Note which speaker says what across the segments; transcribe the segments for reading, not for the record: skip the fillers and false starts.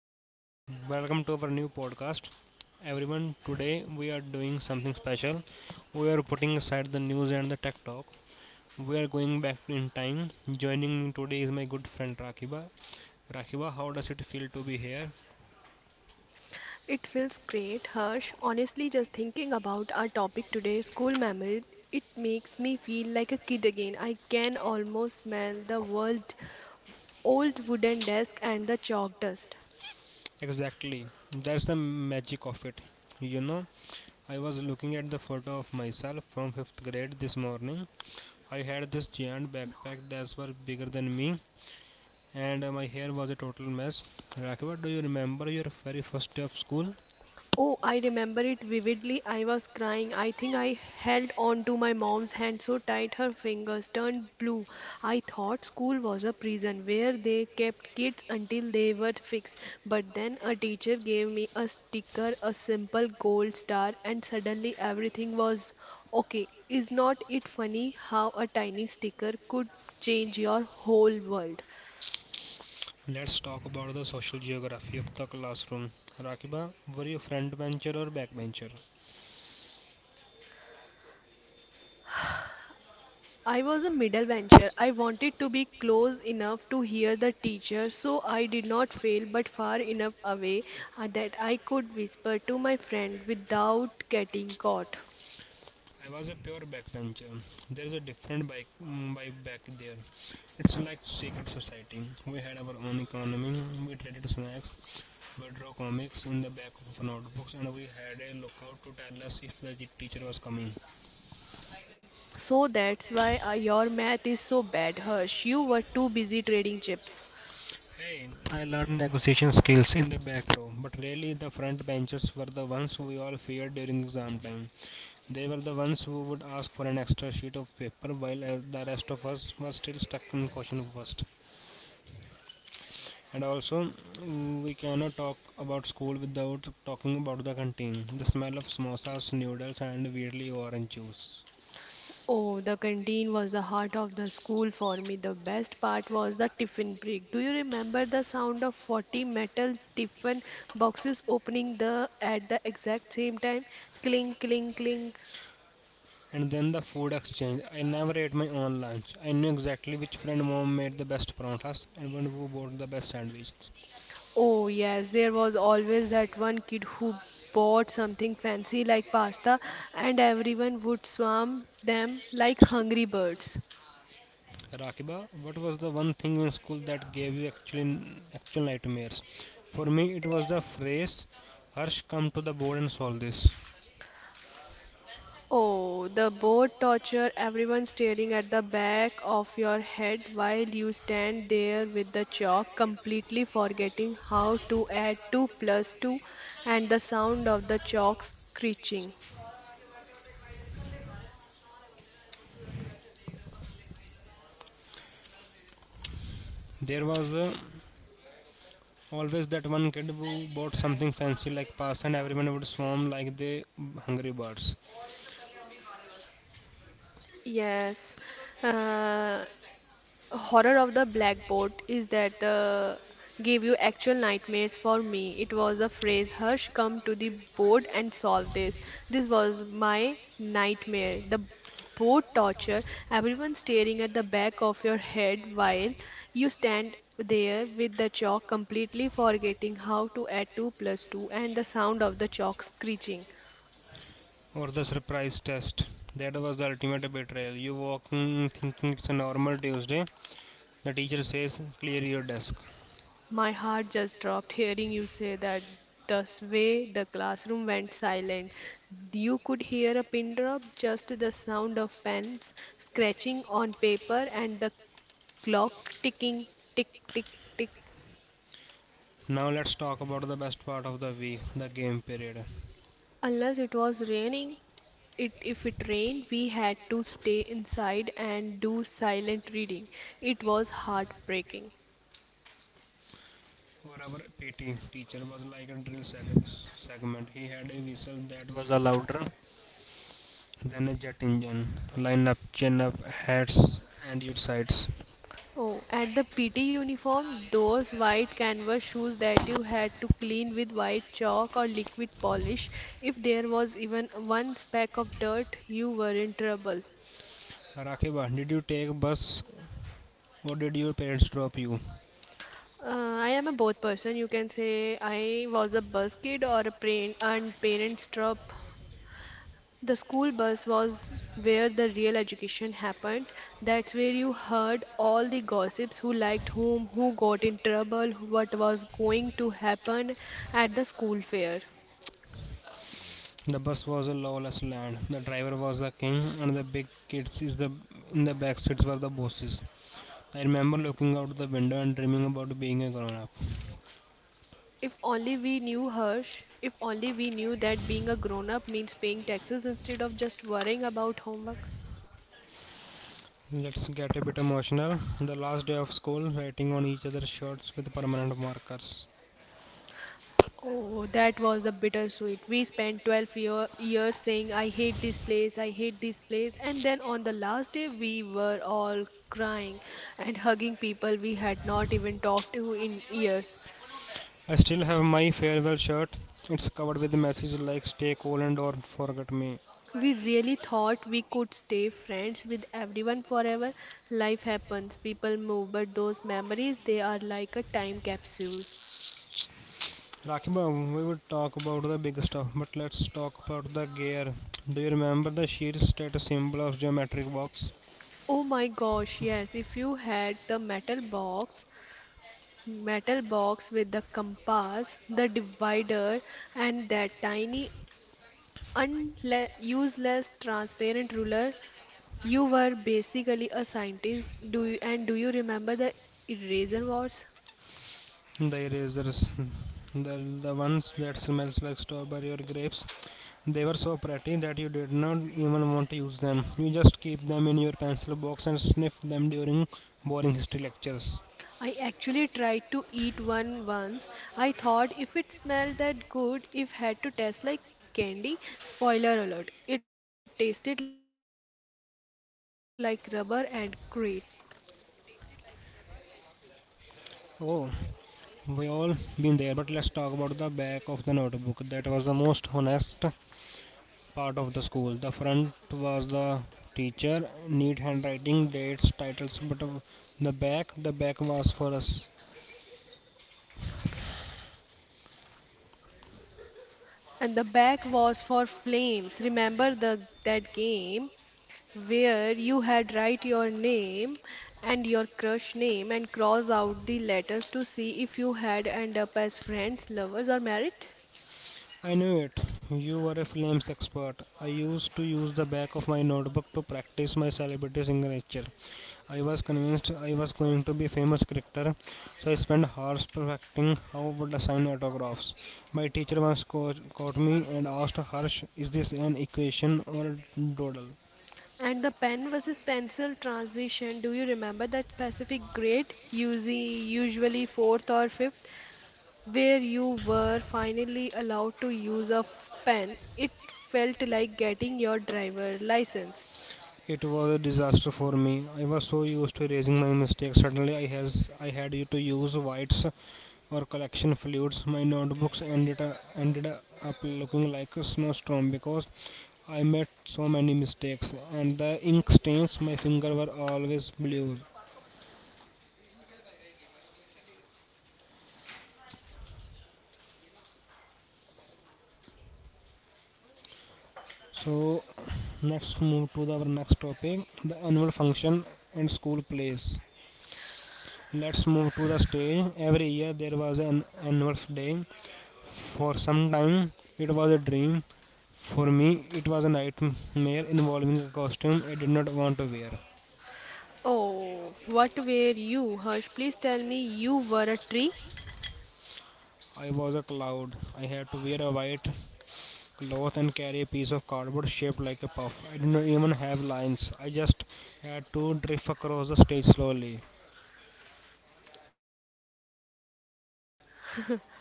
Speaker 1: everyone, welcome to our new podcast. Everyone, today we are doing something special. We are putting aside the news and the tech talk. We are going back in time. Joining me today is my good friend Rakiba. Rakiba, how does it feel to be here?
Speaker 2: It feels great, Harsh. Honestly, just thinking about our topic today, school memory, it makes me feel like a kid again. I can almost smell the world, old wooden desk and the chalk dust.
Speaker 1: Exactly, that's the magic of it. You know, I was looking at the photo of myself from 5th grade this morning. I had this giant backpack that was bigger than me and my hair was a total mess. Rakiba, do you remember your very first day of school?
Speaker 2: Oh, I remember it vividly. I was crying. I think I held on to my mom's hand so tight her fingers turned blue. I thought school was a prison where they kept kids until they were fixed. But then a teacher gave me a sticker, a simple gold star, and suddenly everything was okay. Is not it funny how a tiny sticker could change your whole world?
Speaker 1: Let's talk about the social geography of the classroom. Rakiba, were you front bencher or back bencher?
Speaker 2: I was a middle bencher. I wanted to be close enough to hear the teacher, so I did not fail, but far enough away, that I could whisper to my friend without getting caught.
Speaker 1: I was a pure backbencher. There is a different bike, vibe back there. It's like secret society. We had our own economy. We traded snacks. We drew comics in the back of notebooks, and we had a lookout to tell us if the teacher was coming.
Speaker 2: So that's why your math is so bad, Harsh. You were too busy trading chips.
Speaker 1: Hey, I learned negotiation skills in the back row, but really the front benchers were the ones who we all feared during exam time. They were the ones who would ask for an extra sheet of paper while the rest of us were still stuck in question first. And also, we cannot talk about school without talking about the canteen, the smell of samosas, noodles, and weirdly orange juice.
Speaker 2: Oh, the canteen was the heart of the school for me. The best part was the tiffin break. Do you remember the sound of 40 metal tiffin boxes opening the at the exact same time? Clink, clink, clink.
Speaker 1: And then the food exchange. I never ate my own lunch. I knew exactly which friend mom made the best paranthas and one who bought the best sandwich.
Speaker 2: Oh, yes, there was always that one kid who bought something fancy like pasta, and everyone would swarm them like hungry birds.
Speaker 1: Rakiba, what was the one thing in school that gave you actual nightmares? For me, it was the phrase, "Harsh, come to the board and solve this."
Speaker 2: Oh, the boat torture, everyone staring at the back of your head while you stand there with the chalk, completely forgetting how to add 2 plus 2, and the sound of the chalk screeching.
Speaker 1: There was always that one kid who bought something fancy like pasta, and everyone would swarm like the hungry birds.
Speaker 2: Yes, uh, horror of the blackboard is that gave you actual nightmares. For me it was a phrase, hush, come to the board and solve this. This was my nightmare, the board torture. Everyone staring at the back of your head while you stand there with the chalk, completely forgetting how to add 2 plus 2 and the sound of the chalk screeching.
Speaker 1: Or the surprise test. That was the ultimate betrayal. You walk in thinking it's a normal Tuesday. The teacher says, "Clear your desk."
Speaker 2: My heart just dropped hearing you say that. The way the classroom went silent, you could hear a pin drop, just the sound of pens scratching on paper and the clock ticking, tick, tick, tick.
Speaker 1: Now let's talk about the best part of the week, the game period.
Speaker 2: Unless it was raining, it if it rained we had to stay inside and do silent reading. It was heartbreaking.
Speaker 1: For our PT teacher was like a drill segment. He had a whistle that was louder than a jet engine. Line up, chin up, hats, and your sides.
Speaker 2: Oh, at the PT uniform, those white canvas shoes that you had to clean with white chalk or liquid polish, if there was even one speck of dirt, you were in trouble.
Speaker 1: Rakiba, did you take bus or did your parents drop you?
Speaker 2: Uh, I am a both person. You can say I was a bus kid or a parent and parents drop. The school bus was where the real education happened. That's where you heard all the gossips, who liked whom, who got in trouble, what was going to happen at the school fair.
Speaker 1: The bus was a lawless land. The driver was the king, and the big kids is the in the back seats were the bosses. I remember looking out the window and dreaming about being a grown up.
Speaker 2: If only we knew, Harsh, if only we knew that being a grown up means paying taxes instead of just worrying about homework.
Speaker 1: Let's get a bit emotional. The last day of school, writing on each other's shirts with permanent markers.
Speaker 2: Oh, that was a bittersweet. We spent years saying, I hate this place, I hate this place. And then on the last day, we were all crying and hugging people we had not even talked to in years.
Speaker 1: I still have my farewell shirt. It's covered with messages like stay cool and don't forget me.
Speaker 2: We really thought we could stay friends with everyone forever. Life happens, people move, but those memories, they are like a time capsule.
Speaker 1: Rakhiba, we would talk about the big stuff, but let's talk about the gear. Do you remember the sheer status symbol of geometric box?
Speaker 2: Oh my gosh, yes, if you had the metal box with the compass, the divider, and that tiny useless transparent ruler, you were basically a scientist. And do you remember the eraser wars?
Speaker 1: The erasers. the, the ones that smells like strawberry or grapes. They were so pretty that you did not even want to use them. You just keep them in your pencil box and sniff them during boring history lectures.
Speaker 2: I actually tried to eat one once. I thought if it smelled that good, if had to taste like candy. Spoiler alert, it tasted like rubber and great.
Speaker 1: Oh, we all been there, but let's talk about the back of the notebook. That was the most honest part of the school. The front was the teacher, neat handwriting, dates, titles, but the back was for us.
Speaker 2: And the back was for flames. Remember the that game where you had write your name and your crush name and cross out the letters to see if you had end up as friends, lovers or married?
Speaker 1: I knew it. You were a films expert. I used to use the back of my notebook to practice my celebrity signature. I was convinced I was going to be a famous cricketer, so I spent hours perfecting how would I sign autographs. My teacher once caught me and asked Harsh, is this an equation or a doodle?
Speaker 2: And the pen versus pencil transition, do you remember that specific grade, usually fourth or fifth, where you were finally allowed to use a pen? It felt like getting your driver license.
Speaker 1: It was a disaster for me. I was so used to erasing my mistakes. Suddenly I had to use whites or collection fluids. My notebooks ended up looking like a snowstorm because I made so many mistakes and the ink stains my finger were always blue. So let's move to our next topic the annual function and school plays. Let's move to the stage. Every year there was an annual day. For some time it was a dream. For me it was a nightmare involving a costume I did not want to wear.
Speaker 2: Oh, what were you, Harsh? Please tell me you were a tree.
Speaker 1: I was a cloud. I had to wear a white cloth and carry a piece of cardboard shaped like a puff. I did not even have lines. I just had to drift across the stage slowly.
Speaker 2: Okay,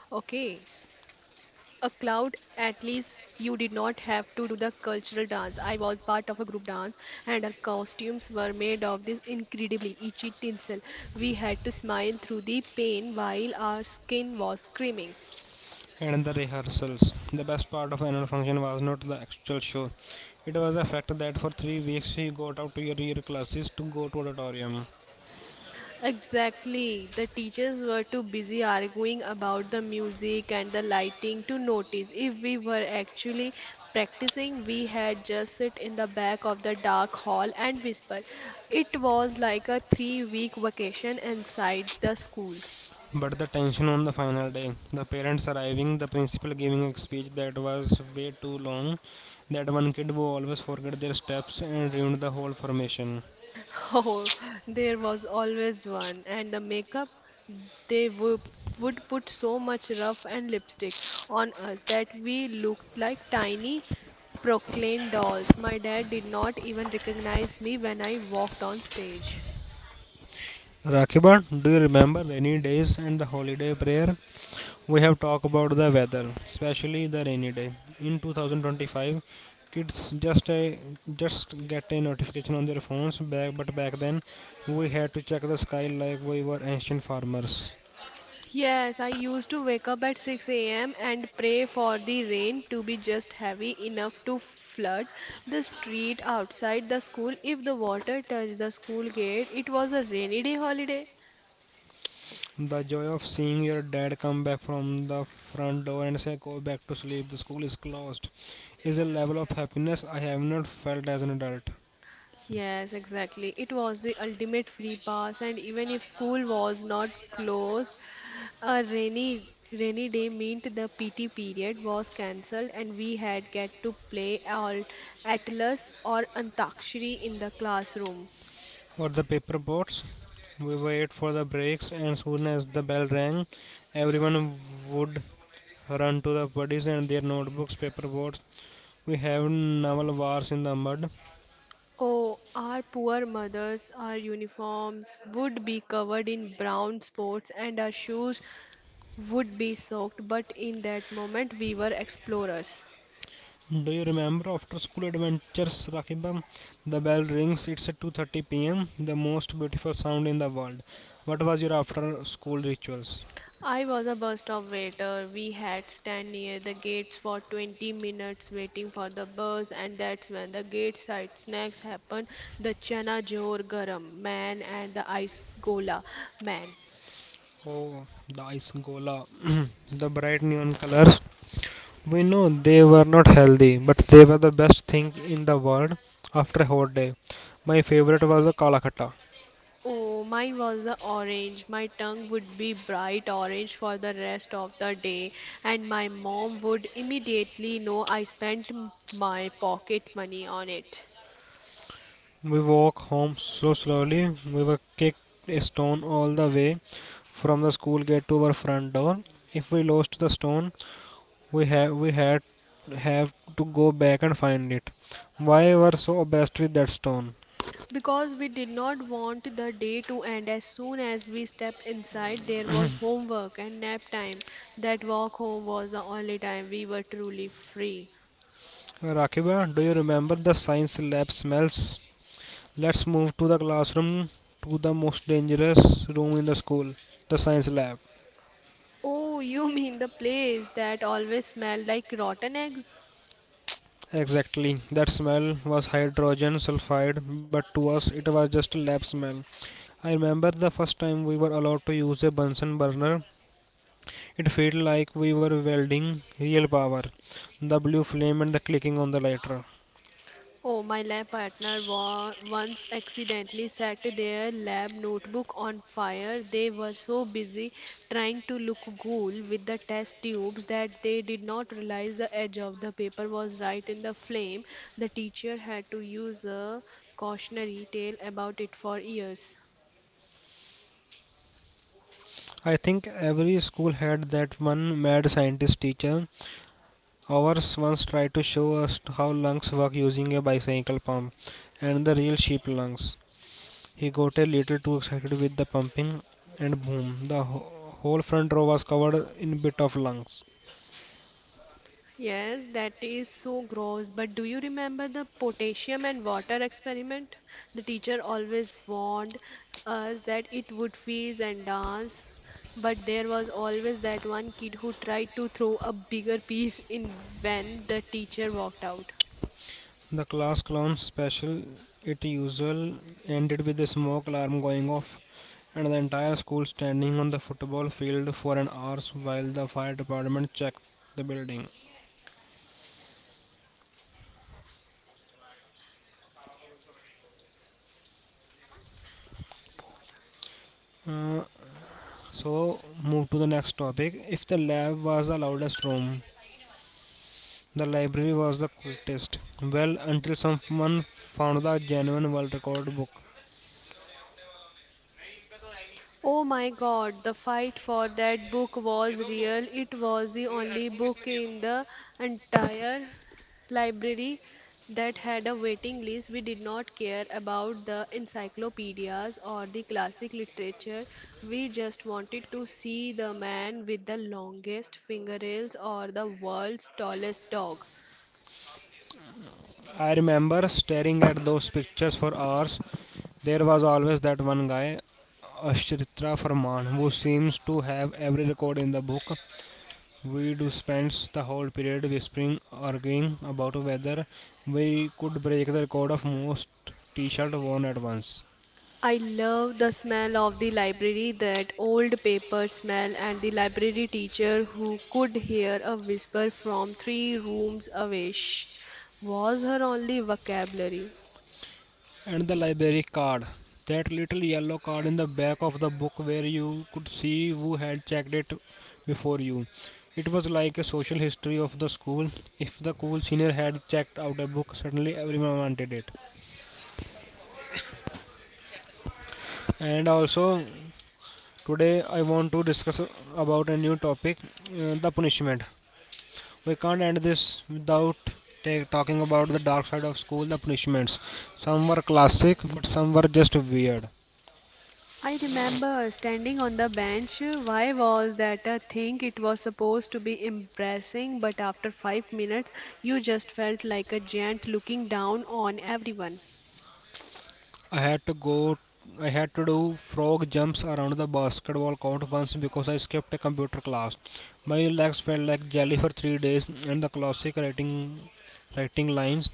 Speaker 2: a cloud. At least you did not have to do the cultural dance. I was part of a group dance, and our costumes were made of this incredibly itchy tinsel. We had to smile through the pain while our skin was screaming.
Speaker 1: And the rehearsals. The best part of annual function was not the actual show. It was the fact that for 3 weeks he got out to your classes to go to auditorium.
Speaker 2: Exactly. The teachers were too busy arguing about the music and the lighting to notice if we were actually practicing. We had just sit in the back of the dark hall and whisper. It was like a 3 week vacation inside the school.
Speaker 1: But the tension on the final day, the parents arriving, the principal giving a speech that was way too long, that one kid who always forget their steps and ruined the whole formation.
Speaker 2: Oh, there was always one. And the makeup, they would, would put so much rough and lipstick on us that we looked like tiny Proclaim dolls. My dad did not even recognize me when I walked on stage.
Speaker 1: Rakiban, do you remember rainy days and the holiday prayer? We have talked about the weather, especially the rainy day. In 2025, kids just get a notification on their phones. But back then, we had to check the sky like we were ancient farmers.
Speaker 2: Yes, I used to wake up at 6 a.m. and pray for the rain to be just heavy enough to flood the street outside the school. If the water touched the school gate, it was a rainy day holiday.
Speaker 1: The joy of seeing your dad come back from the front door and say, "Go back to sleep. The school is closed," is a level of happiness I have not felt as an adult.
Speaker 2: Yes, exactly. It was the ultimate free pass, and even if school was not closed, a rainy day meant the PT period was cancelled, and we had get to play all Atlas or Antakshari in the classroom.
Speaker 1: For the paper boats. We wait for the breaks, and soon as the bell rang, everyone would run to the buddies and their notebooks, paper boats. We have naval wars in the mud.
Speaker 2: Oh, our poor mothers, our uniforms would be covered in brown spots, and our shoes would be soaked. But in that moment, we were explorers.
Speaker 1: Do you remember after school adventures, Rakibam? The bell rings. It's at 2:30 p.m. The most beautiful sound in the world. What was your after school rituals?
Speaker 2: I was a bus stop waiter. We had stand near the gates for 20 minutes waiting for the bus, and that's when the gate side snacks happened, the chana jor garam man and the ice gola man.
Speaker 1: Oh, the ice gola, the bright neon colors, we know they were not healthy, but they were the best thing in the world after a hot day. My favorite was the Kalakata.
Speaker 2: Oh, mine was the orange. My tongue would be bright orange for the rest of the day, and my mom would immediately know I spent my pocket money on it.
Speaker 1: We walked home so slowly, we were kicked a stone all the way from the school gate to our front door. If we lost the stone, we have we had have to go back and find it. Why were so obsessed with that stone?
Speaker 2: Because we did not want the day to end. As soon as we stepped inside, there was homework and nap time. That walk home was the only time we were truly free.
Speaker 1: Rakiba, do you remember the science lab smells? Let's move to the classroom, to the most dangerous room in the school, the science lab.
Speaker 2: Oh, you mean the place that always smelled like rotten eggs?
Speaker 1: Exactly, that smell was hydrogen sulfide, but to us it was just a lab smell. I remember the first time we were allowed to use a Bunsen burner. It felt like we were welding real power, the blue flame and the clicking on the lighter.
Speaker 2: Oh, my lab partner once accidentally set their lab notebook on fire. They were so busy trying to look cool with the test tubes that they did not realize the edge of the paper was right in the flame. The teacher had to use a cautionary tale about it for years.
Speaker 1: I think every school had that one mad scientist teacher. Ours once tried to show us how lungs work using a bicycle pump and the real sheep lungs. He got a little too excited with the pumping, and boom, the whole front row was covered in bit of lungs.
Speaker 2: Yes, that is so gross. But do you remember the potassium and water experiment? The teacher always warned us that it would fizz and dance, but there was always that one kid who tried to throw a bigger piece in when the teacher walked out.
Speaker 1: The class clown special, it usual, ended with a smoke alarm going off and the entire school standing on the football field for an hour while the fire department checked the building. Uh, so, move to the next topic. If the lab was the loudest room, the library was the quietest. Well, until someone found the genuine world record book.
Speaker 2: Oh my God, the fight for that book was real. It was the only book in the entire library that had a waiting list. We did not care about the encyclopedias or the classic literature. We just wanted to see the man with the longest fingernails or the world's tallest dog.
Speaker 1: I remember staring at those pictures for hours. There was always that one guy, Ashrita Farman, who seems to have every record in the book. We do spend the whole period whispering, arguing about whether we could break the record of most t-shirt worn at once.
Speaker 2: I love the smell of the library, that old paper smell, and the library teacher who could hear a whisper from three rooms away. Shh, was her only vocabulary.
Speaker 1: And the library card. That little yellow card in the back of the book where you could see who had checked it before you. It was like a social history of the school. If the cool senior had checked out a book, suddenly everyone wanted it. And also, today I want to discuss about a new topic the punishment. We can't end this without talking about the dark side of school, the punishments. Some were classic, but some were just weird.
Speaker 2: I remember standing on the bench. Why was that a thing? It was supposed to be embarrassing, but after 5 minutes, you just felt like a giant looking down on everyone.
Speaker 1: I had to go. I had to do frog jumps around the basketball court once because I skipped a computer class. My legs felt like jelly for 3 days, and the classic writing, writing lines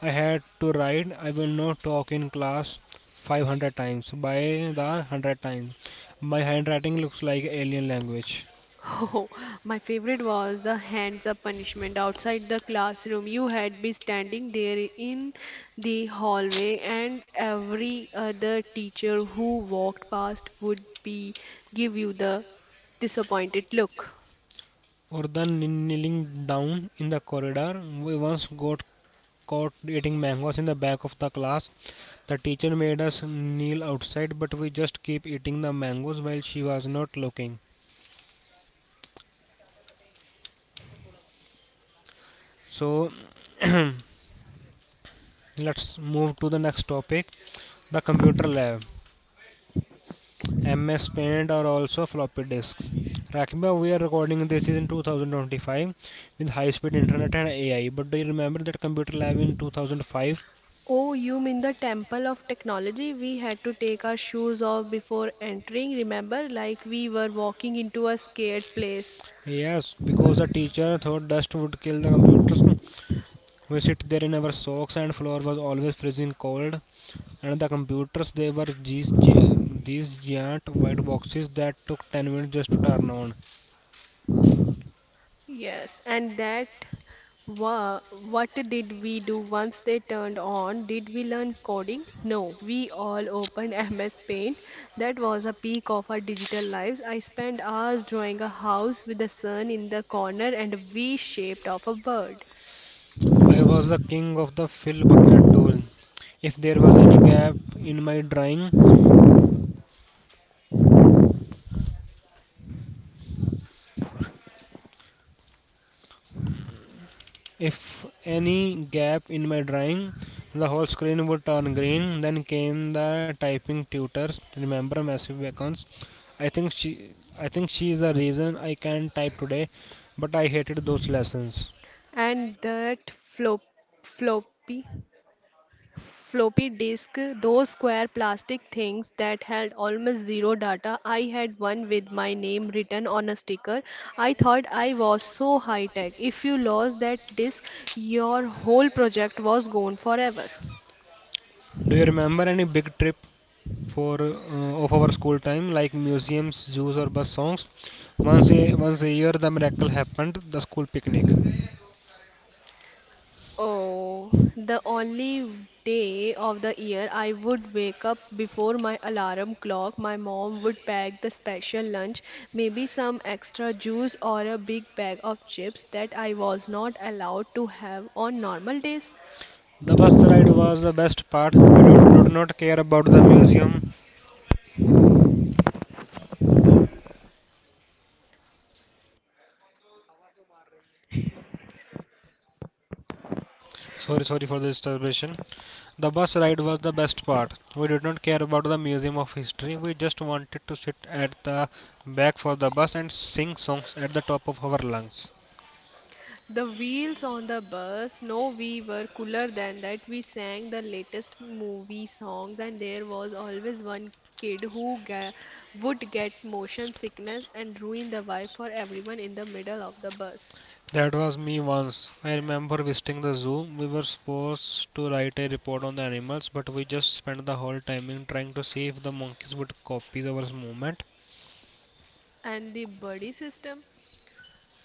Speaker 1: I had to write. I will not talk in class 500 times. By the 100 times, my handwriting looks like alien language.
Speaker 2: Oh, my favorite was the hands up punishment outside the classroom. You had be standing there in the hallway, and every other teacher who walked past would be give you the disappointed look.
Speaker 1: Or the kneeling down in the corridor. We once got caught eating mangoes in the back of the class. The teacher made us kneel outside, but we just keep eating the mangoes while she was not looking. So let's move to the next topic the computer lab. MS Paint or also floppy disks. Rakiba, we are recording this is in 2025 with high speed internet and AI. But do you remember that computer lab in 2005?
Speaker 2: Oh, you mean the temple of technology? We had to take our shoes off before entering, remember? Like we were walking into a scared place.
Speaker 1: Yes, because the teacher thought dust would kill the computers. We sit there in our socks and floor was always freezing cold. And the computers, they were these giant white boxes that took 10 minutes just to turn on.
Speaker 2: Yes, and that wa what did we do once they turned on? Did we learn coding? No, we all opened MS Paint. That was a peak of our digital lives. I spent hours drawing a house with the sun in the corner and a V shaped of a bird.
Speaker 1: I was the king of the fill bucket tool. If there was any gap in my drawing, If any gap in my drawing, the whole screen would turn green. Then came the typing tutors. Remember massive icons. I think she, I think she is the reason I can't type today, but I hated those lessons.
Speaker 2: And that floppy. Floppy disk, those square plastic things that held almost zero data. I had one with my name written on a sticker. I thought I was so high tech. If you lost that disk, your whole project was gone forever.
Speaker 1: Do you remember any big trip for of our school time, like museums, zoos, or bus songs? Once a year, the miracle happened: the school picnic.
Speaker 2: Oh, the only day of the year I would wake up before my alarm clock. My mom would pack the special lunch, maybe some extra juice or a big bag of chips that I was not allowed to have on normal days.
Speaker 1: The bus ride was the best part. We did not care about the museum. Sorry for the disturbance. The bus ride was the best part. We did not care about the museum of history. We just wanted to sit at the back for the bus and sing songs at the top of our lungs.
Speaker 2: The wheels on the bus, no, we were cooler than that. We sang the latest movie songs, and there was always one kid who would get motion sickness and ruin the vibe for everyone in the middle of the bus.
Speaker 1: That was me once. I remember visiting the zoo. We were supposed to write a report on the animals, but we just spent the whole timing trying to see if the monkeys would copy our movement.
Speaker 2: And the buddy system,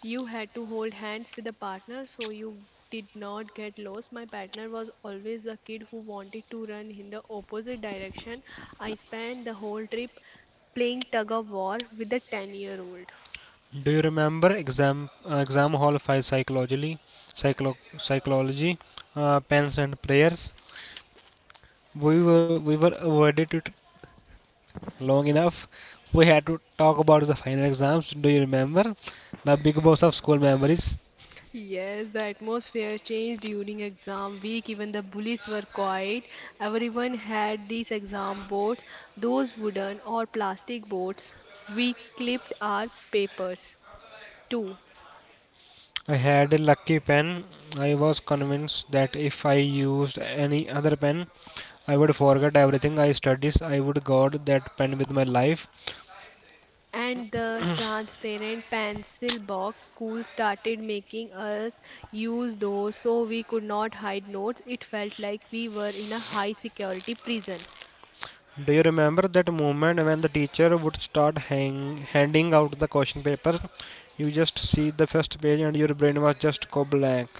Speaker 2: you had to hold hands with a partner so you did not get lost. My partner was always a kid who wanted to run in the opposite direction. I spent the whole trip playing tug of war with a 10-year-old.
Speaker 1: Do you remember exam exam hall five psychology, psychology, pens and prayers? We were avoided it long enough. We had to talk about the final exams. Do you remember the big boss of school memories?
Speaker 2: Yes, the atmosphere changed during exam week. Even the bullies were quiet. Everyone had these exam boards, those wooden or plastic boards. We clipped our papers too.
Speaker 1: I had a lucky pen. I was convinced that if I used any other pen, I would forget everything I studies. I would guard that pen with my life.
Speaker 2: And the transparent pencil box school started making us use those so we could not hide notes. It felt like we were in a high security prison.
Speaker 1: Do you remember that moment when the teacher would start handing out the question papers? You just see the first page and your brain was just go blank.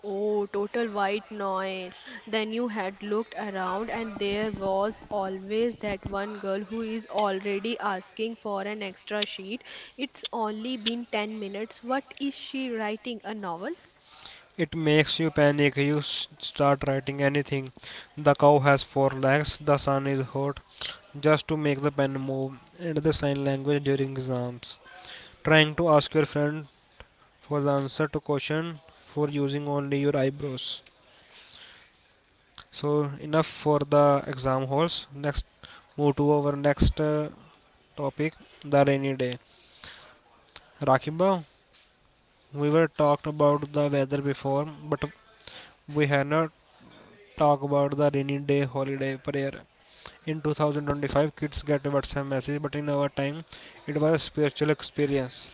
Speaker 2: Oh, total white noise. Then you had looked around, and there was always that one girl who is already asking for an extra sheet. It's only been 10 minutes. What is she writing? A novel?
Speaker 1: It makes you panic. Start writing anything. The cow has four legs. The sun is hot. Just to make the pen move. And the sign language during exams, trying to ask your friend for the answer to question for using only your eyebrows, so enough for the exam halls. Next, move to our next topic, the rainy day. Rakiba, we were talked about the weather before, but we had not talked about the rainy day holiday prayer. In 2025, kids get a whatsapp message, but in our time it was a spiritual experience.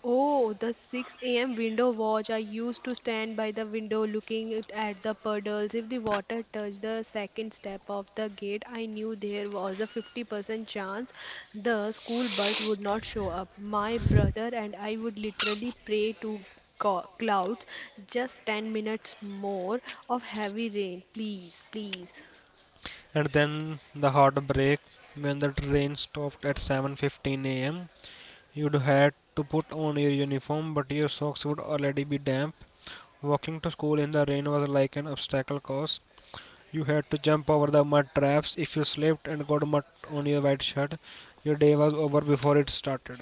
Speaker 2: Oh, the 6 a.m. window watch. I used to stand by the window looking it at the puddles. If the water touched the second step of the gate, I knew there was a 50% chance the school bus would not show up. My brother and I would literally pray to clouds. Just 10 minutes more of heavy rain. Please, please.
Speaker 1: And then the heart break when the train stopped at 7:15 a.m. You'd had to put on your uniform, but your socks would already be damp. Walking to school in the rain was like an obstacle course. You had to jump over the mud traps. If you slipped and got mud on your white shirt, your day was over before it started.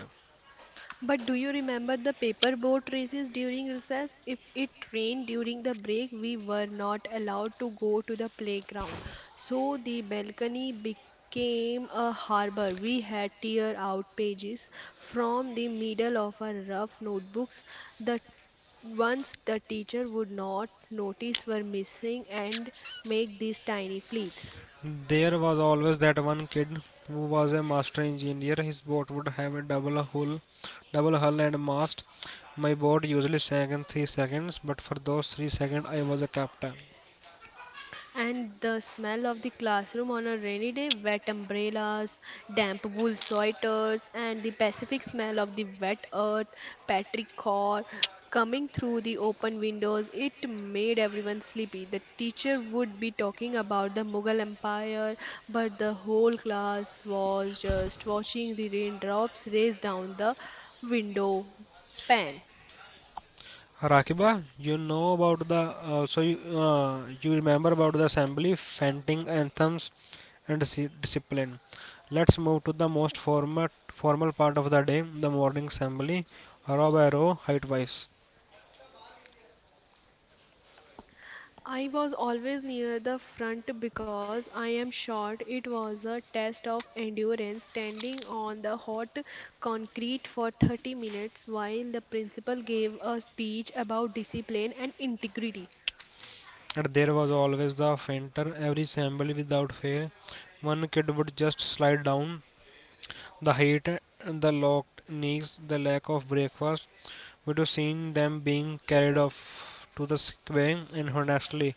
Speaker 2: But do you remember the paper boat races during recess? If it rained during the break, we were not allowed to go to the playground. So the balcony became a harbor. We had tear out pages from the middle of our rough notebooks. The ones the teacher would not notice were missing and make these tiny fleets.
Speaker 1: There was always that one kid who was a master engineer. His boat would have a double hull, and mast. My boat usually sank in 3 seconds, but for those 3 seconds, I was a captain.
Speaker 2: And the smell of the classroom on a rainy day, wet umbrellas, damp wool sweaters, and the Pacific smell of the wet earth, petrichor coming through the open windows, it made everyone sleepy. The teacher would be talking about the Mughal Empire, but the whole class was just watching the raindrops race down the window pane.
Speaker 1: Rakiba, you know about the also you, you remember about the assembly, fainting anthems, and discipline. Let's move to the most formal part of the day, the morning assembly, row by row, height wise.
Speaker 2: I was always near the front because I am short. It was a test of endurance, standing on the hot concrete for 30 minutes while the principal gave a speech about discipline and integrity.
Speaker 1: And there was always the fainter, every assembly without fail. One kid would just slide down. The height, the locked knees, the lack of breakfast, would have seen them being carried off to the sick bay, and honestly,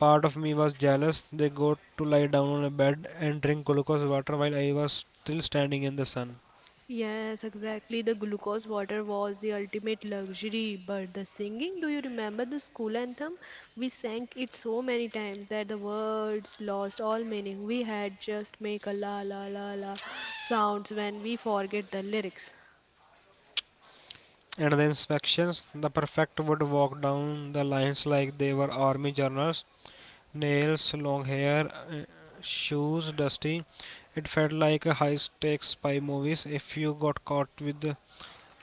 Speaker 1: part of me was jealous. They got to lie down on a bed and drink glucose water while I was still standing in the sun.
Speaker 2: Yes, exactly. The glucose water was the ultimate luxury. But the singing, do you remember the school anthem? We sang it so many times that the words lost all meaning. We had just make a la la la la sounds when we forget the lyrics.
Speaker 1: And the inspections, the prefect would walk down the lines like they were army journals, nails, long hair, shoes dusty. It felt like a high stakes spy movies. If you got caught with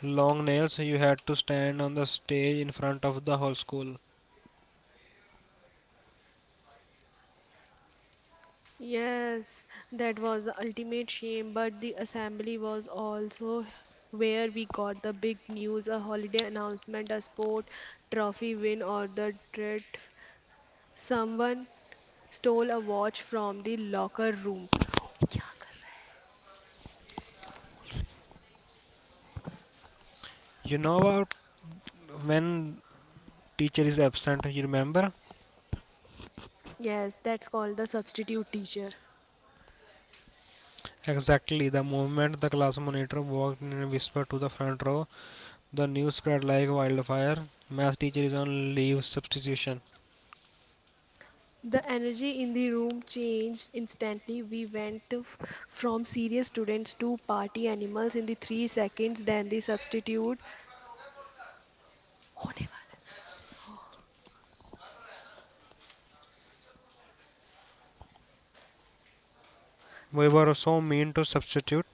Speaker 1: long nails, you had to stand on the stage in front of the whole school.
Speaker 2: Yes, that was the ultimate shame, but the assembly was also where we got the big news, a holiday announcement, a sport trophy win, or the treat someone stole a watch from the locker room.
Speaker 1: You know about when teacher is absent, you remember?
Speaker 2: Yes, that's called the substitute teacher.
Speaker 1: Exactly. The moment the class monitor walked in and whispered to the front row, the news spread like wildfire. Math teacher is on leave substitution.
Speaker 2: The energy in the room changed instantly. We went from serious students to party animals in the 3 seconds. Then the substitute.
Speaker 1: We were so mean to substitute.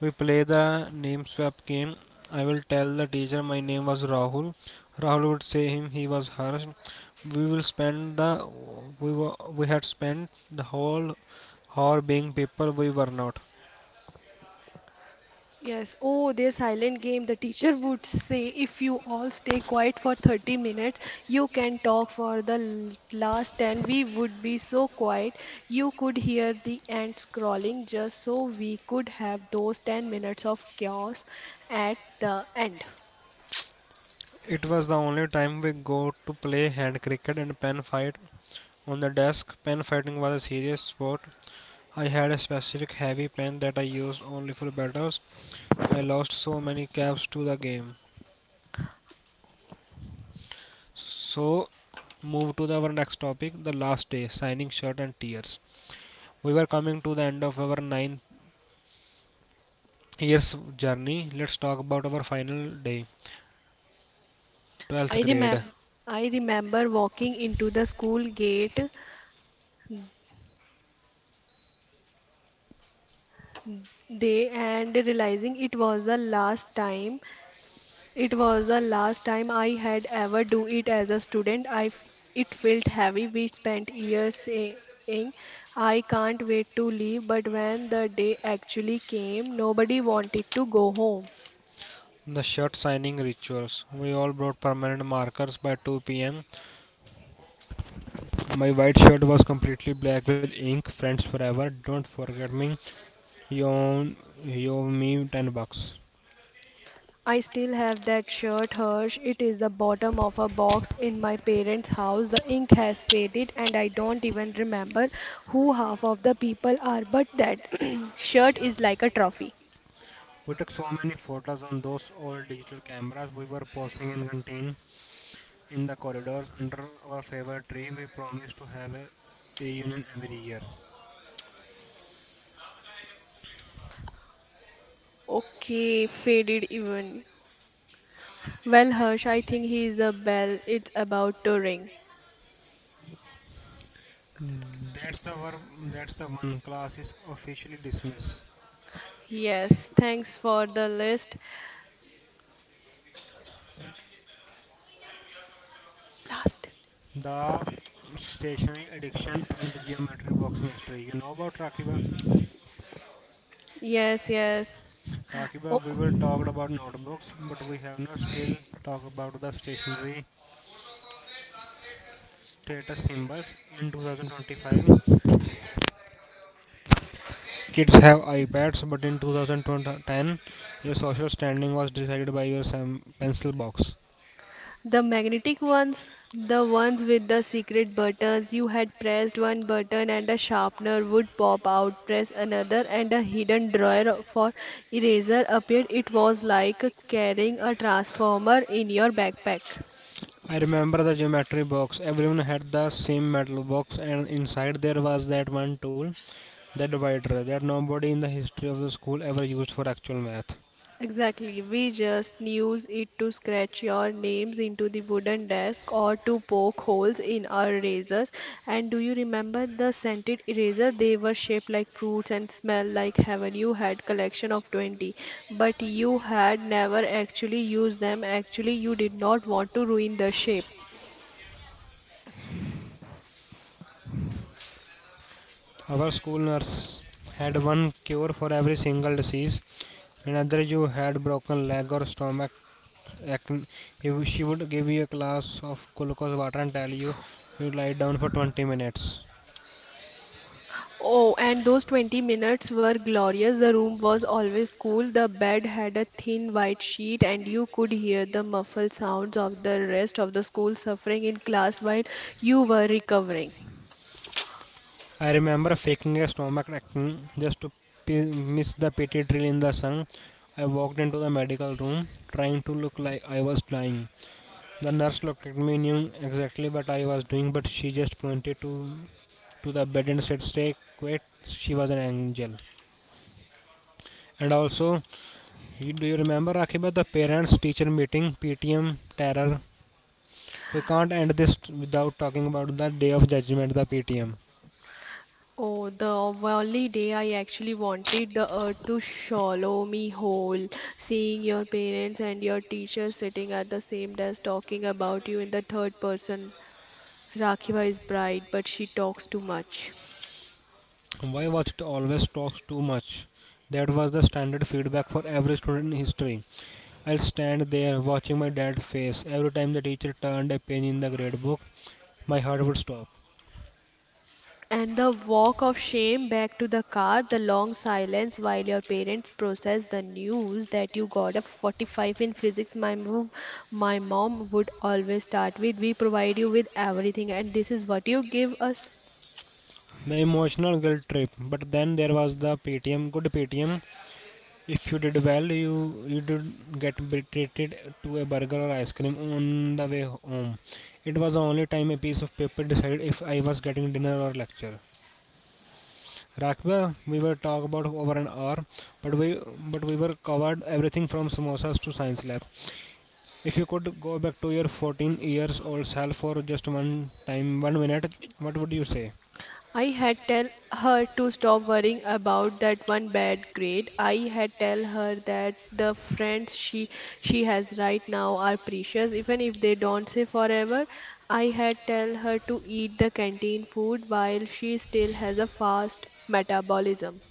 Speaker 1: We play the name swap game. I will tell the teacher my name was Rahul. Rahul would say him he was Harsh. We will spend the we had spent the whole hour being people we were not.
Speaker 2: Yes. Oh, their silent game. The teacher would say, if you all stay quiet for 30 minutes, you can talk for the last 10. We would be so quiet. You could hear the ants crawling just so we could have those 10 minutes of chaos at the end.
Speaker 1: It was the only time we go to play hand cricket and pen fight on the desk. Pen fighting was a serious sport. I had a specific heavy pen that I used only for battles. I lost so many caps to the game. So, move to the, our next topic, the last day, signing shirt and tears. We were coming to the end of our 9 years journey. Let's talk about our final day, 12th
Speaker 2: I
Speaker 1: grade,
Speaker 2: remember. I remember walking into the school gate day and realizing it was the last time. I had ever do it as a student. It felt heavy. We spent years saying I can't wait to leave, but when the day actually came, nobody wanted to go home.
Speaker 1: the shirt signing rituals. We all brought permanent markers. By 2 p.m. my white shirt was completely black with ink. Friends forever, don't forget me. He own he owe me 10 bucks.
Speaker 2: I still have that shirt, Hirsch. It is the bottom of a box in my parents' house. The ink has faded, and I don't even remember who half of the people are, but that shirt is like a trophy.
Speaker 1: We took so many photos on those old digital cameras. We were posing in canteen, in the corridors, under our favorite tree. We promised to have a reunion every year.
Speaker 2: Okay, faded even. Well, Harsh, I think he's the bell. It's about to ring.
Speaker 1: That's the ver- that's the one, class is officially dismissed.
Speaker 2: Yes, thanks for the list. Last.
Speaker 1: The stationary addiction and the geometry box mystery. You know about, Rakiba?
Speaker 2: Yes, yes. Oh,
Speaker 1: Rakiba, we were talked about notebooks, but we have not still talked about the stationary status symbols. In 2025, kids have iPads, but in 2010, your social standing was decided by your pencil box.
Speaker 2: the magnetic ones, the ones with the secret buttons. You had pressed one button and a sharpener would pop out. Press another and a hidden drawer for eraser appeared. It was like carrying a transformer in your backpack.
Speaker 1: I remember the geometry box. Everyone had the same metal box, and inside there was that one tool, the divider, that nobody in the history of the school ever used for actual math.
Speaker 2: Exactly. We just use it to scratch your names into the wooden desk or to poke holes in our erasers. And do you remember the scented eraser? They were shaped like fruits and smelled like heaven. You had collection of 20, but you had never actually used them. Actually, you did not want to ruin the shape.
Speaker 1: Our school nurse had one cure for every single disease. Whenever you had broken leg or stomach, if she would give you a glass of glucose water and tell you you lie down for 20 minutes.
Speaker 2: Oh, and those 20 minutes were glorious. The room was always cool. The bed had a thin white sheet, and you could hear the muffled sounds of the rest of the school suffering in class while you were recovering.
Speaker 1: I remember faking a stomach ache just to miss the PT drill in the sun. I walked into the medical room trying to look like I was dying. The nurse looked at me, knew exactly what I was doing, but she just pointed to the bed and said, "Stay quiet." She was an angel. And also, do you remember, Akiba, the parents teacher meeting PTM terror? We can't end this without talking about the Day of Judgment, the PTM.
Speaker 2: Oh, the only day I actually wanted the earth to swallow me whole. Seeing your parents and your teachers sitting at the same desk talking about you in the third person. Rakhiva is bright, but she talks too much.
Speaker 1: Why Watched always talks too much. That was the standard feedback for every student in history. I'll stand there watching my dad's face every time the teacher turned a page in the grade book. My heart would stop.
Speaker 2: And the walk of shame back to the car, the long silence while your parents process the news that you got a 45 in physics. My mom would always start with, "We provide you with everything, and this is what you give us."
Speaker 1: The emotional guilt trip. But then there was the PTM, good PTM, if you did well you did get treated to a burger or ice cream on the way home. It was the only time a piece of paper decided if I was getting dinner or lecture. Rakba, we were talk about over an hour, but we were covered everything from samosas to science lab. If you could go back to your 14 years old self for just one time, one minute, what would you say?
Speaker 2: I had tell her to stop worrying about that one bad grade. I had tell her that the friends she has right now are precious even if they don't stay forever. I had tell her to eat the canteen food while she still has a fast metabolism.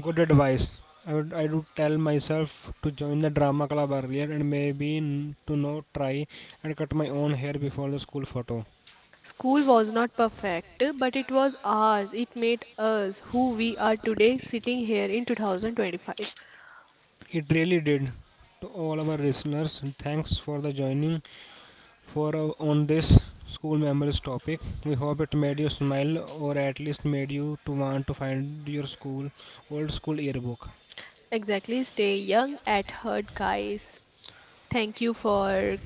Speaker 1: Good advice. I would tell myself to join the drama club earlier and maybe to not try and cut my own hair before the school photo.
Speaker 2: School was not perfect, but it was ours. It made us who we are today sitting here in 2025.
Speaker 1: It really did. To all our listeners, thanks for the joining for on this school memories topic. We hope it made you smile or at least made you to want to find your school old school yearbook.
Speaker 2: Exactly. Stay young at heart, guys. Thank you for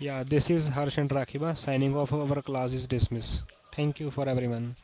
Speaker 1: Yeah, this is Harsh and Rakiba signing off. Our class is dismissed. Thank you for everyone.